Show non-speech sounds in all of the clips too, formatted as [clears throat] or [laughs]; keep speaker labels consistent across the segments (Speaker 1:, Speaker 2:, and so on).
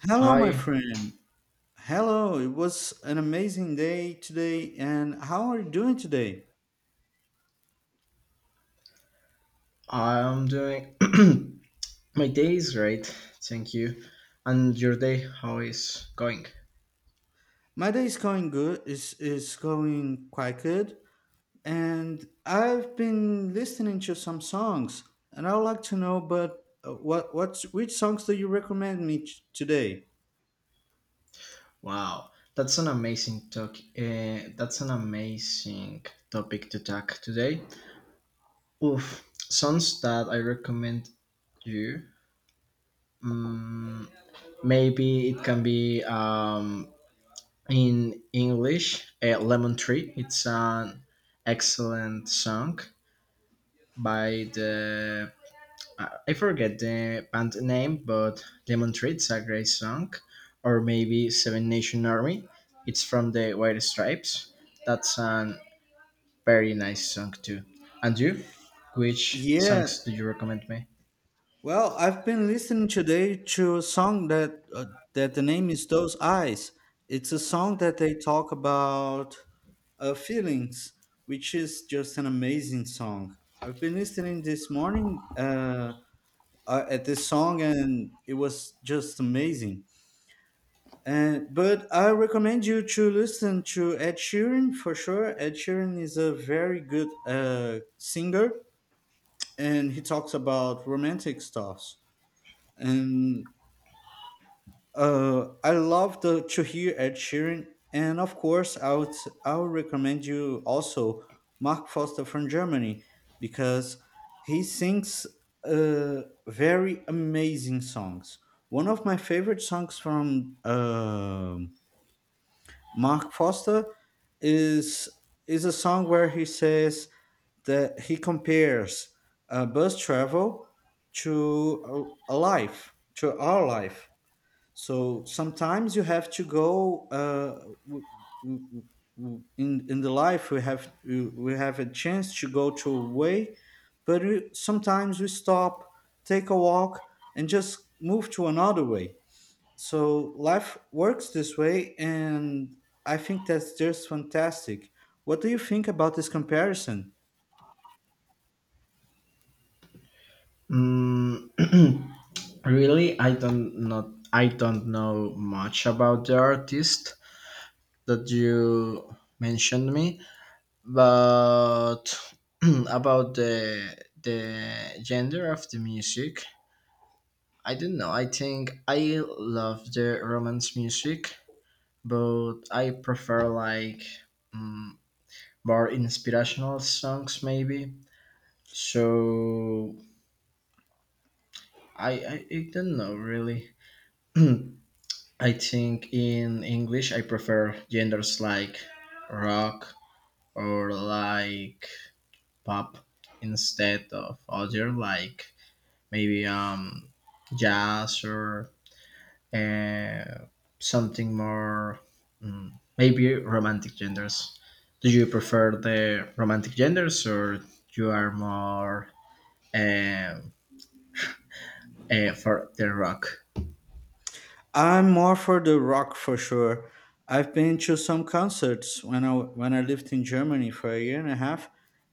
Speaker 1: Hello, my
Speaker 2: Hi,
Speaker 1: friend. Hello, it was an amazing day today. And how are you doing today?
Speaker 2: I'm doing [clears throat] my day is great, thank you. And your day, how is going?
Speaker 1: My day is going good, is going quite good. And I've been listening to some songs, and I would like to know, but what what's which songs do you recommend me today?
Speaker 2: Wow, that's an amazing talk. That's an amazing topic to talk today. Oof, songs that I recommend you. Mm, maybe it can be in English. Lemon Tree. It's an excellent song by the I forget the band name, but Lemon Tree, it's a great song. Or maybe Seven Nation Army, it's from the White Stripes. That's a very nice song too. And you, which
Speaker 1: Yeah.
Speaker 2: songs do you recommend me?
Speaker 1: Well, I've been listening today to a song that the name is Those Eyes. It's a song that they talk about feelings, which is just an amazing song. I've been listening this morning at this song, and it was just amazing. And but I recommend you to listen to Ed Sheeran for sure. Ed Sheeran is a very good singer, and he talks about romantic stuffs and I love to hear Ed Sheeran, and of course, I would recommend you also Mark Foster from Germany because he sings very amazing songs. One of my favorite songs from Mark Foster is is a song where he says that he compares bus travel to a life to our life, so sometimes you have to go w- w- w- in the life we have a chance to go to a way, but sometimes we stop, take a walk, and just move to another way. So life works this way, and I think that's just fantastic. What do you think about this comparison?
Speaker 2: Mm, [clears throat] really, I don't know much about the artist that you mentioned me, but [clears throat] about the gender of the music, I don't know. I think I love the romance music, but I prefer like mm more inspirational songs, maybe. So I don't know really. [clears throat] I think in English I prefer genders like rock or like pop instead of other like maybe jazz or uh, something more mm, maybe romantic genders. Do you prefer the romantic genders, or you are more um, for the rock?
Speaker 1: I'm more for the rock for sure. I've been to some concerts when I lived in Germany for a year and a half,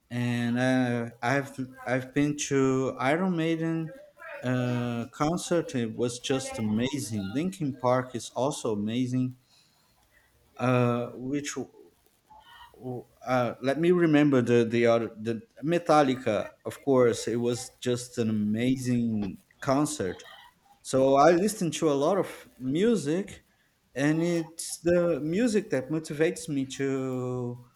Speaker 1: and I've been to Iron Maiden concert. It was just amazing. Linkin Park is also amazing. Which Let me remember the Metallica. Of course, it was just an amazing concert. So I listen to a lot of music, and it's the music that motivates me to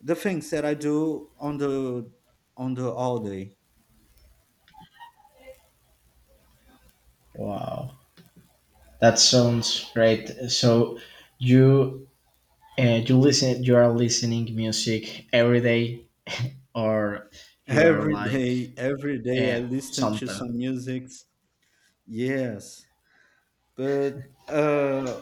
Speaker 1: the things that I do on the all day.
Speaker 2: Wow, that sounds great. So you, you listen you are listening music every day, or you are
Speaker 1: Every
Speaker 2: like
Speaker 1: day, every day I
Speaker 2: uh,
Speaker 1: listen to
Speaker 2: something.
Speaker 1: some music. Yes. But uh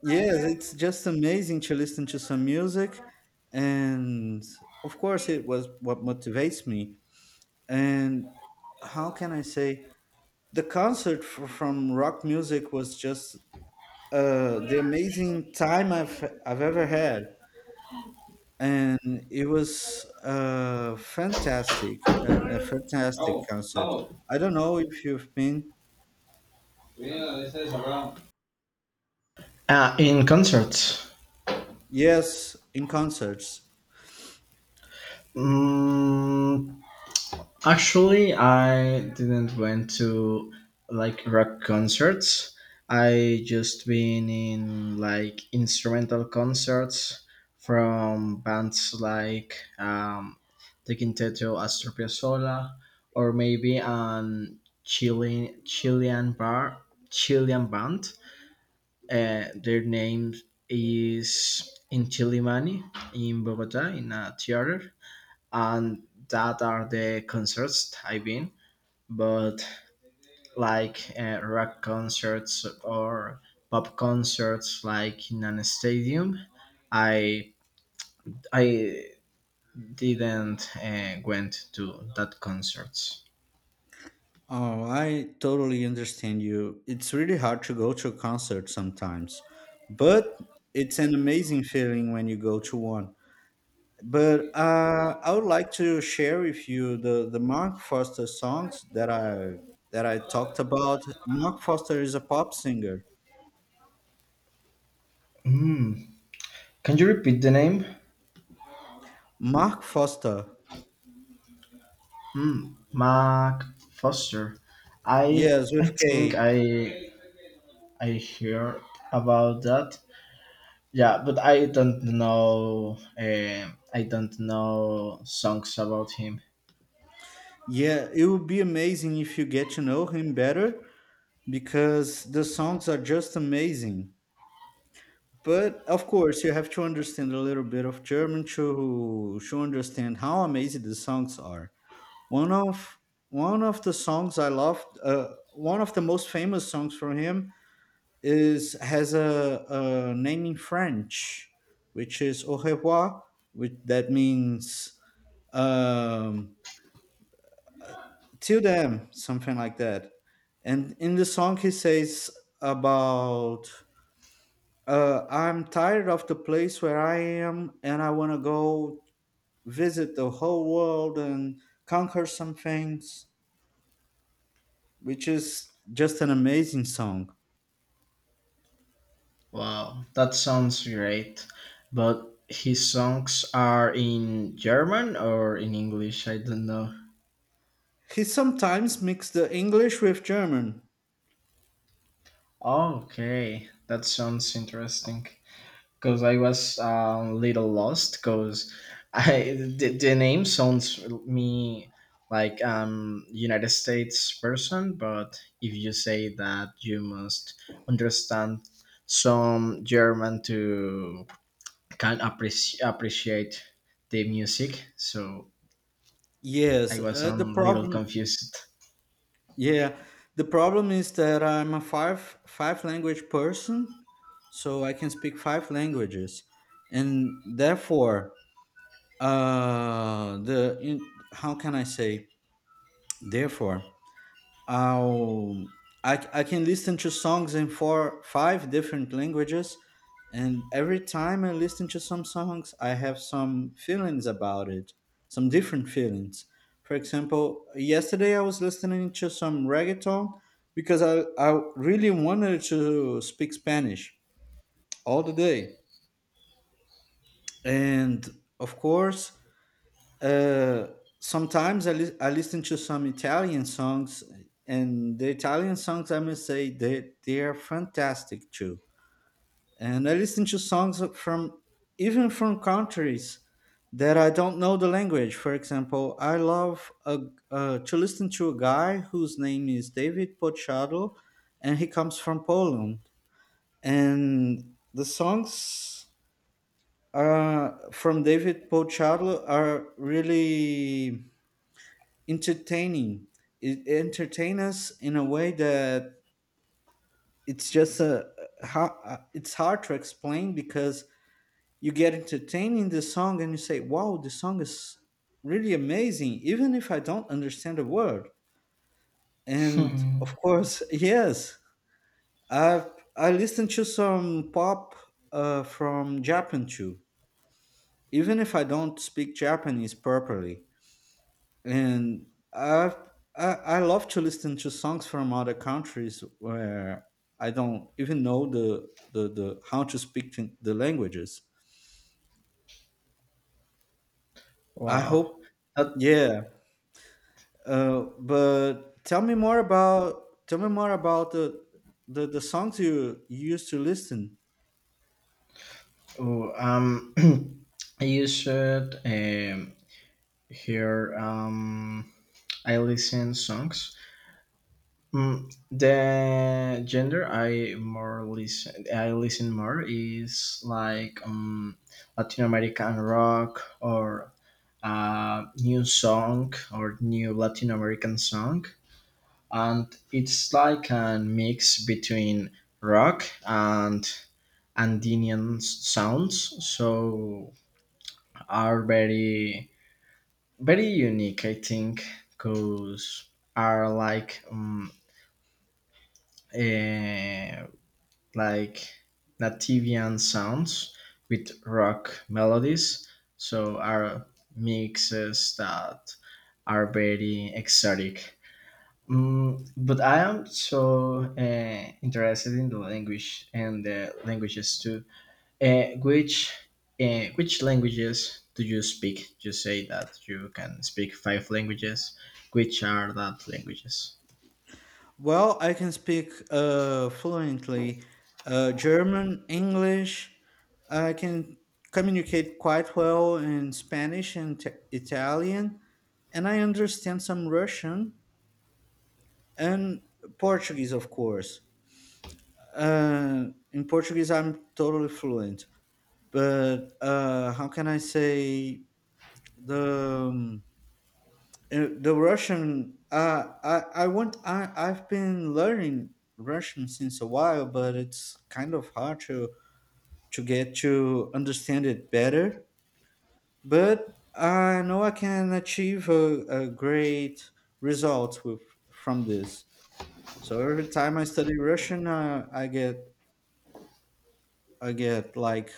Speaker 1: yes, it's just amazing to listen to some music, and of course it was what motivates me. And how can I say, the concert from rock music was just the amazing time I've ever had, and it was fantastic, a fantastic
Speaker 2: Vamos,
Speaker 1: concert.
Speaker 2: vamos.
Speaker 1: I don't know if you've been.
Speaker 2: In concerts.
Speaker 1: Yes, in concerts.
Speaker 2: Mm, actually, I didn't went to like rock concerts. I just been in like instrumental concerts from bands like The Quinteto Astor Piazzolla, or maybe an Chilean Chilean bar Chilean band. Their name is Intilimani in Bogota in a theater, and that are the concerts I've been. But like rock concerts or pop concerts like in a stadium, i I didn't went to that concerts.
Speaker 1: Oh, I totally understand you. It's really hard to go to a concert sometimes, but it's an amazing feeling when you go to one. But I would like to share with you the Mark Foster songs that I talked about. Mark Foster is a pop singer.
Speaker 2: Hmm. Can you repeat the name?
Speaker 1: Mark Foster,
Speaker 2: Hmm. Mark Foster. I
Speaker 1: yes, with
Speaker 2: I think
Speaker 1: K.
Speaker 2: I I hear about that. Yeah, but I don't know. I don't know songs about him.
Speaker 1: Yeah, it would be amazing if you get to know him better because the songs are just amazing. But of course, you have to understand a little bit of German to understand how amazing the songs are. one of One of the songs I loved, one of the most famous songs from him is has a name in French, which is Au revoir, which that means um, till then, something like that. And in the song, he says about, I'm tired of the place where I am, and I want to go visit the whole world and conquer some things, which is just an amazing song.
Speaker 2: Wow, that sounds great. But his songs are in German or in English? I don't know.
Speaker 1: He sometimes mixed the English with German.
Speaker 2: Okay, that sounds interesting. Because I was a little lost. Because I the name sounds me like United States person, but if you say that, you must understand some German to can appreciate the music. So
Speaker 1: Yes,
Speaker 2: I was
Speaker 1: uh,
Speaker 2: a
Speaker 1: the
Speaker 2: little
Speaker 1: problem,
Speaker 2: confused. [laughs]
Speaker 1: yeah, the problem is that I'm a five language person, so I can speak five languages, and therefore, how can I say therefore? i I can listen to songs in four, five different languages, and every time I listen to some songs, I have some feelings about it, some different feelings. For example, yesterday I was listening to some reggaeton because I really wanted to speak Spanish all the day. And of course, uh, sometimes I listen to some Italian songs, and the Italian songs, I must say, they are fantastic too. And I listen to songs from, even from countries that I don't know the language. For example, I love to listen to a guy whose name is David Pochado, and he comes from Poland. And the songs from David Pochado are really entertaining. It entertain us in a way that it's just it's hard to explain because you get entertained in the song and you say, "Wow, the song is really amazing," even if I don't understand a word. And
Speaker 2: Hmm.
Speaker 1: of course, [laughs] yes, I I listen to some pop from Japan too, even if I don't speak Japanese properly. And I've, I love to listen to songs from other countries where I don't even know the how to speak to the languages. I
Speaker 2: Wow.
Speaker 1: hope,
Speaker 2: That,
Speaker 1: yeah. But tell me more about the songs you used to listen.
Speaker 2: oh, [clears throat] you should hear. I listen songs. Mm, the gender I more listen. I listen more is like Latin American rock or new song or new Latin American song. And it's like a mix between rock and Andean sounds, so are very very unique, I think, because are like eh, like Nativian sounds with rock melodies, so are mixes that are very exotic. Mm, but I am so interested in the language and the languages too. Uh, which which languages do you speak? You say that you can speak five languages. Which are that languages?
Speaker 1: Well, I can speak fluently German, English. I can communicate quite well in Spanish and Italian, and I understand some Russian and Portuguese, of course. Uh, in Portuguese, I'm totally fluent, but how can I say the um, the Russian, I I've been learning Russian since a while, but it's kind of hard to get to understand it better. But I know I can achieve a great result with from this. So every time I study Russian, I get like,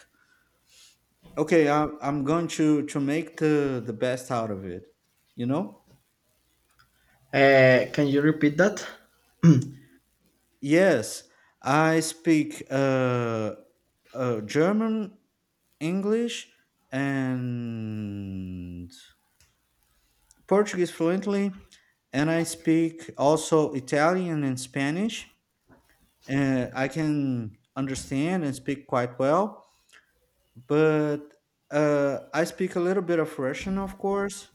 Speaker 1: okay, I'm going to make the best out of it, you know.
Speaker 2: Can you repeat that? [clears throat]
Speaker 1: Yes, I speak German, English, and Portuguese fluently, and I speak also Italian and Spanish. I can understand and speak quite well, but I speak a little bit of Russian, of course.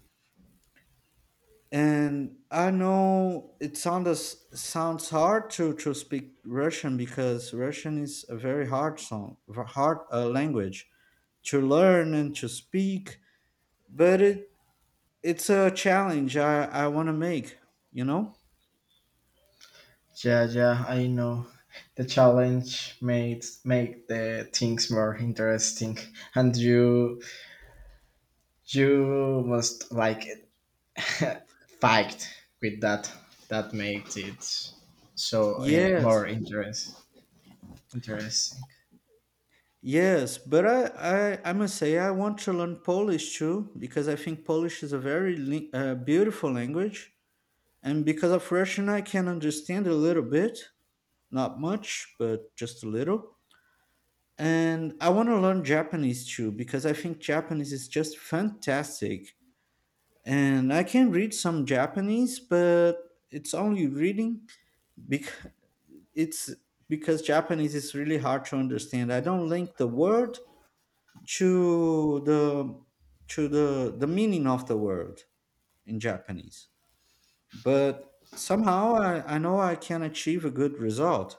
Speaker 1: And I know it sounds hard to speak Russian because Russian is a very hard song, hard language to learn and to speak. But it's a challenge I want to make. You know?
Speaker 2: Yeah, yeah, I know. The challenge made make the things more interesting, and you must like it. [laughs] Fight with that, that makes it so more
Speaker 1: Yes,
Speaker 2: interesting.
Speaker 1: yes. But I must say I want to learn Polish too because I think Polish is a very beautiful language, and because of Russian I can understand a little bit, not much, but just a little. And I want to learn Japanese too because I think Japanese is just fantastic. And I can read some Japanese, but it's only reading because it's because Japanese is really hard to understand. I don't link the word to the to the meaning of the word in Japanese. But somehow I know I can achieve a good result.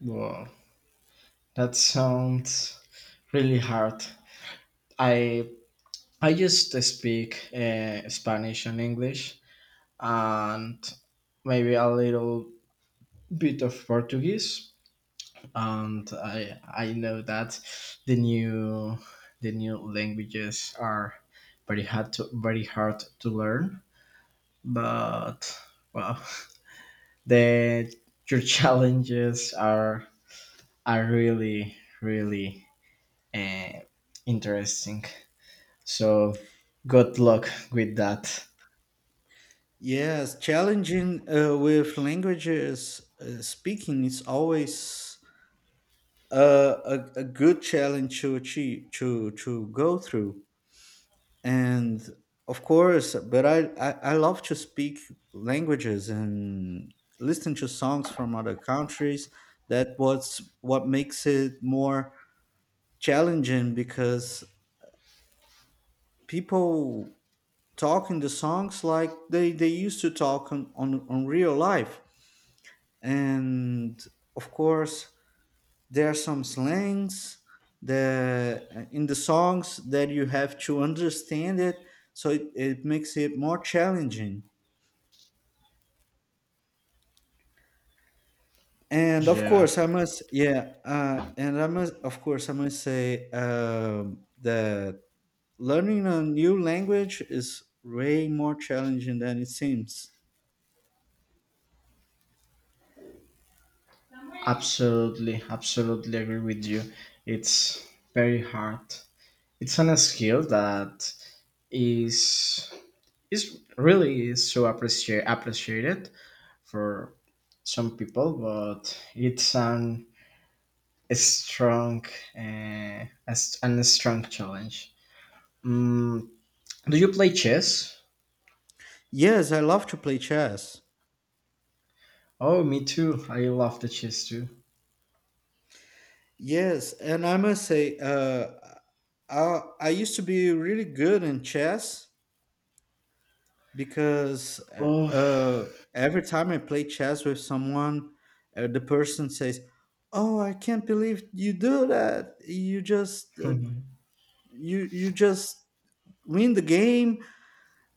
Speaker 2: Wow, that sounds really hard. I i used to speak Spanish and English, and maybe a little bit of Portuguese, and I know that the new the new languages are very hard to learn. But wow, [laughs] that your [laughs] challenges are really really uh, interesting, so good luck with that.
Speaker 1: Yes, challenging with languages speaking is always a good challenge to achieve to go through. And of course, but I love to speak languages and listen to songs from other countries. That what makes it more challenging because people talk in the songs like they used to talk on real life. And of course there are some slangs the in the songs that you have to understand it, so it makes it more challenging. And of
Speaker 2: Yeah,
Speaker 1: course I must yeah and I must of course I must say that learning a new language is way more challenging than it seems.
Speaker 2: absolutely, absolutely agree with you. It's very hard. It's an skill that is is really is so appreciated for some people, but it's an a strong an strong challenge. Mm, do you play chess?
Speaker 1: Yes, I love to play chess.
Speaker 2: Oh, me too. I love the chess too.
Speaker 1: Yes, and I must say, I used to be really good in chess because
Speaker 2: Oh.
Speaker 1: every time I play chess with someone, the person says, "Oh, I can't believe you do that! You just
Speaker 2: [laughs]
Speaker 1: you just win the game."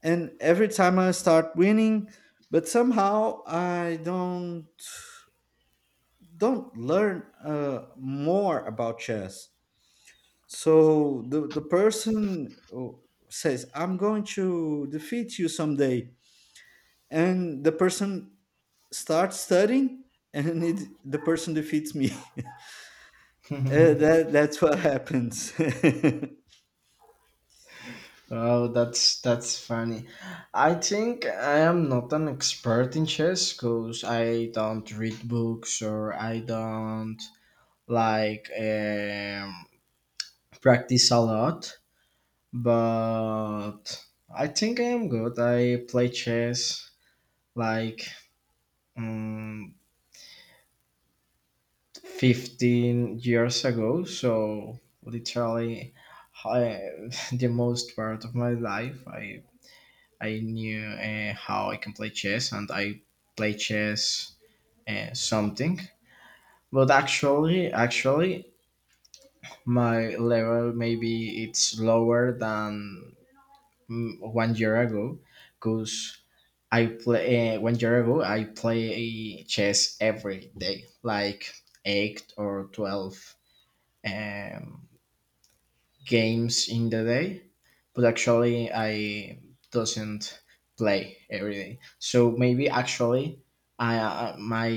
Speaker 1: And every time I start winning, but somehow I don't learn more about chess. So the person, oh, says, I'm going to defeat you someday. And the person starts studying, and the person defeats me. [laughs] That's what happens.
Speaker 2: Oh, that's funny. I think I am not an expert in chess because I don't read books or I don't like practice a lot. But I think I am good. I play chess like mm 15 years ago, so literally I, [laughs] the most part of my life I knew how I can play chess and I play chess something. But actually my level maybe it's lower than mm, 1 year ago, because I play 1 year ago I play chess every day like 8 or 12 um games in the day, but actually I doesn't play every day. So maybe actually I my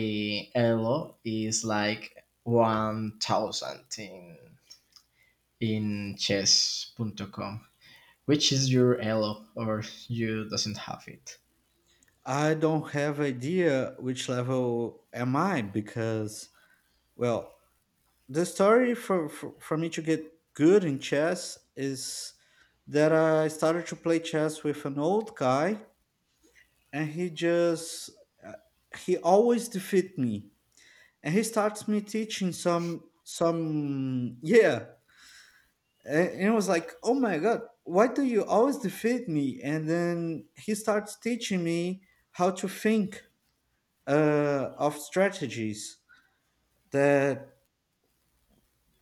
Speaker 2: elo is like 1,000 in chess.com. Which is your elo, or you doesn't have it?
Speaker 1: [laughs] I don't have idea which level am I because, well, the story for me to get good in chess is that I started to play chess with an old guy and he just uh, he always defeat me, and he starts me teaching some, yeah. And it was like, oh my god, why do you always defeat me? And then he starts teaching me how to think of strategies that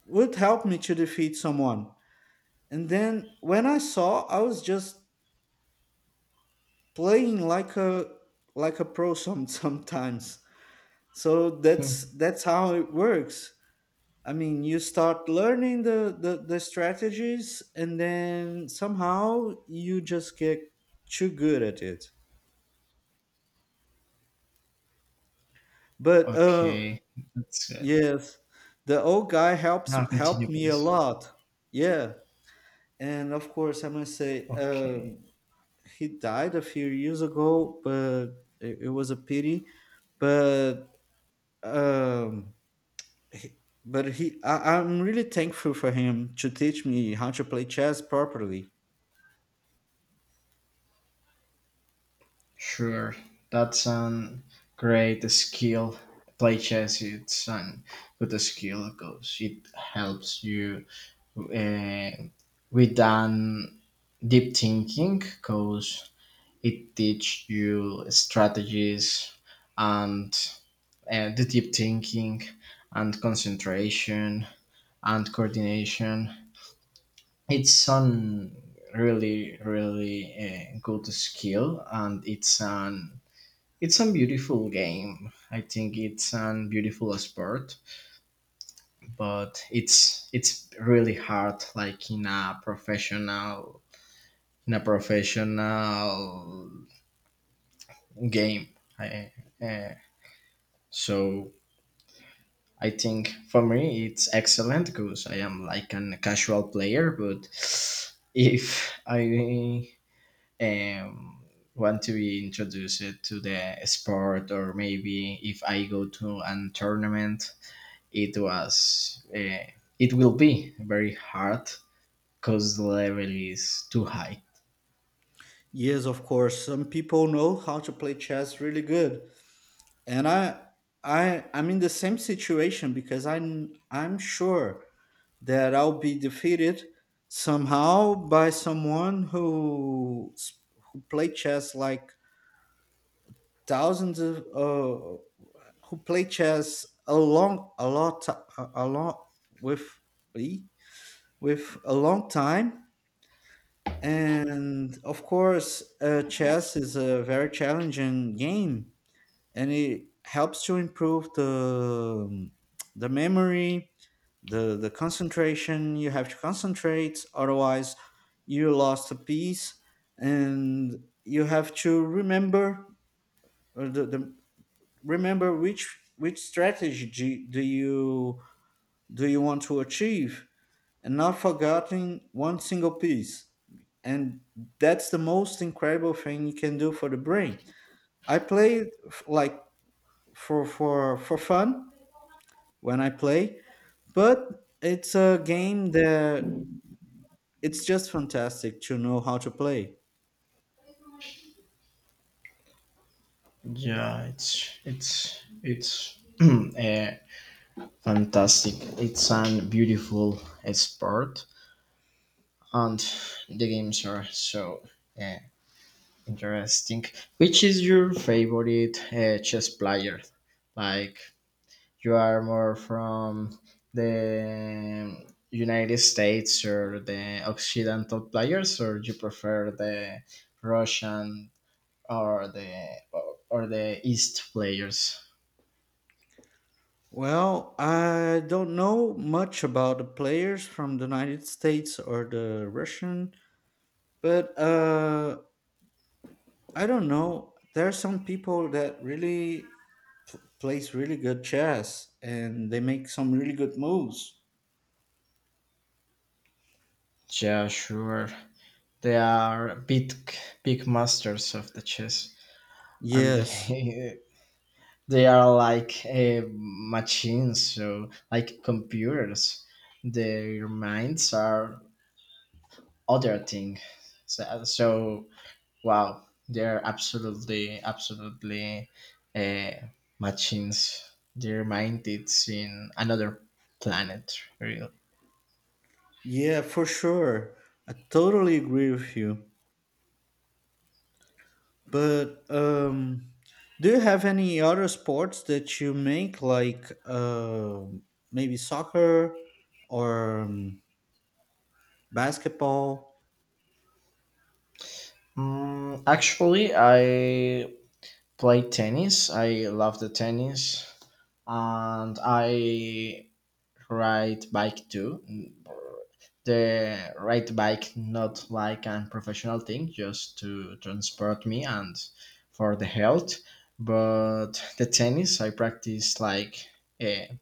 Speaker 1: would help me to defeat someone. And then when I saw, I was just playing like a pro some, [laughs] sometimes. So
Speaker 2: [laughs]
Speaker 1: that's how it works. I mean, you start learning the strategies, and then somehow you just get too good at it. But
Speaker 2: Okay, that's good.
Speaker 1: yes, the old guy helps
Speaker 2: Now
Speaker 1: helped
Speaker 2: continue,
Speaker 1: me a
Speaker 2: please.
Speaker 1: lot. Yeah, and of course, I must say,
Speaker 2: Okay.
Speaker 1: he died a few years ago, but it was a pity. But um, he- he, I, I'm really thankful for him to teach me how to play chess properly.
Speaker 2: Sure, that's an great skill. Play chess, it's an good skill because it helps you uh, with an deep thinking, because it teach you strategies and the deep thinking and concentration and coordination. It's an really really good skill, and it's an it's a beautiful game. I think it's a beautiful sport, but it's really hard like in a professional game. I, uh, so I think for me it's excellent because I am like a casual player, but if I um, want to be introduced to the sport, or maybe if I go to an tournament, it was it will be very hard because the level is too high.
Speaker 1: Yes, of course. Some people know how to play chess really good, and I'm in the same situation because I'm sure that I'll be defeated somehow by someone who, who play chess like thousands of, who play chess a long, a lot, a lot with, e- with a long time. And of course, chess is a very challenging game, and it helps to improve the memory, the concentration. You have to concentrate, otherwise you lost a piece, and you have to remember the remember which strategy do you want to achieve, and not forgetting one single piece. And that's the most incredible thing you can do for the brain. I played like for fun when I play. But it's a game that it's just fantastic to know how to play.
Speaker 2: Yeah, it's it's [clears throat] fantastic. It's an beautiful sport, and the games are so uh, interesting. Which is your favorite chess player? Like, you are more from the United States or the Occidental players, or you prefer the Russian or the East players?
Speaker 1: Well, I don't know much about the players from the United States or the Russian, but I don't know. There are some people that really plays really good chess and they make some really good moves.
Speaker 2: Yeah, sure. They are big masters of the chess, and
Speaker 1: Yes.
Speaker 2: they [laughs] they are like machines, so like computers. Their minds are other thing. So, so wow, they're absolutely, absolutely uh, machines. They're minded in another planet, really.
Speaker 1: Yeah, for sure. I totally agree with you. But do you have any other sports that you make, like um, maybe soccer or basketball?
Speaker 2: Mm, actually, I play tennis. I love the tennis, and I ride bike too. Mm, the ride bike not like a professional thing, just to transport me and for the health. But the tennis I practiced like a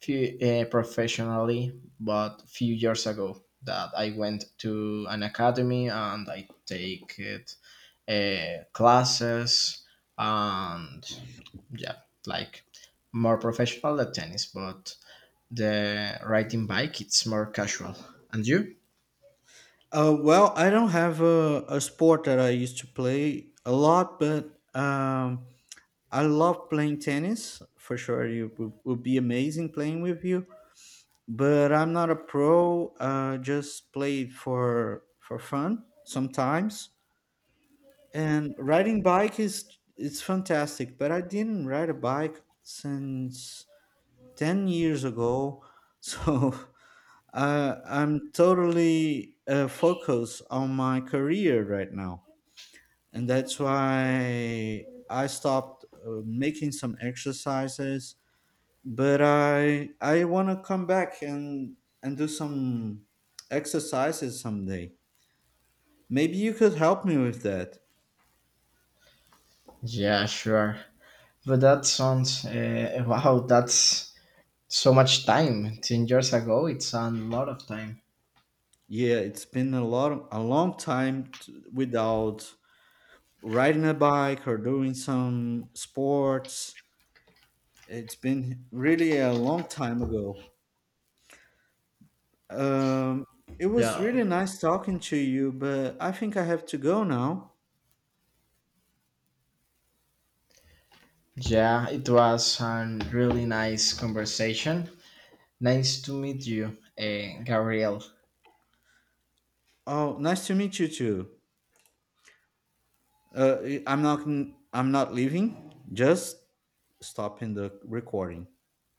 Speaker 2: few professionally, but few years ago that I went to an academy and I take it classes and yeah, like more professional than tennis, but the riding bike it's more casual and you.
Speaker 1: Well, I don't have a sport that I used to play a lot, but um, I love playing tennis for sure. It would be amazing playing with you, but I'm not a pro. Just play it for fun sometimes. And riding bike is it's fantastic, but I didn't ride a bike since 10 years ago. [laughs] So I'm totally focused on my career right now. And that's why I stopped making some exercises, but I want to come back and do some exercises someday. Maybe you could help me with that.
Speaker 2: Yeah, sure, but that sounds wow, that's so much time. 10 years ago, it's a lot of time.
Speaker 1: Yeah, it's been a lot of, a long time t without riding a bike or doing some sports. It's been really a long time ago. Um, it was really
Speaker 2: Yeah,
Speaker 1: nice talking to you, but I think I have to go now.
Speaker 2: yeah, it was a really nice conversation. Nice to meet you, Gabriel.
Speaker 1: Oh, nice to meet you too. Uh, I'm not I'm not leaving. Just stopping the recording.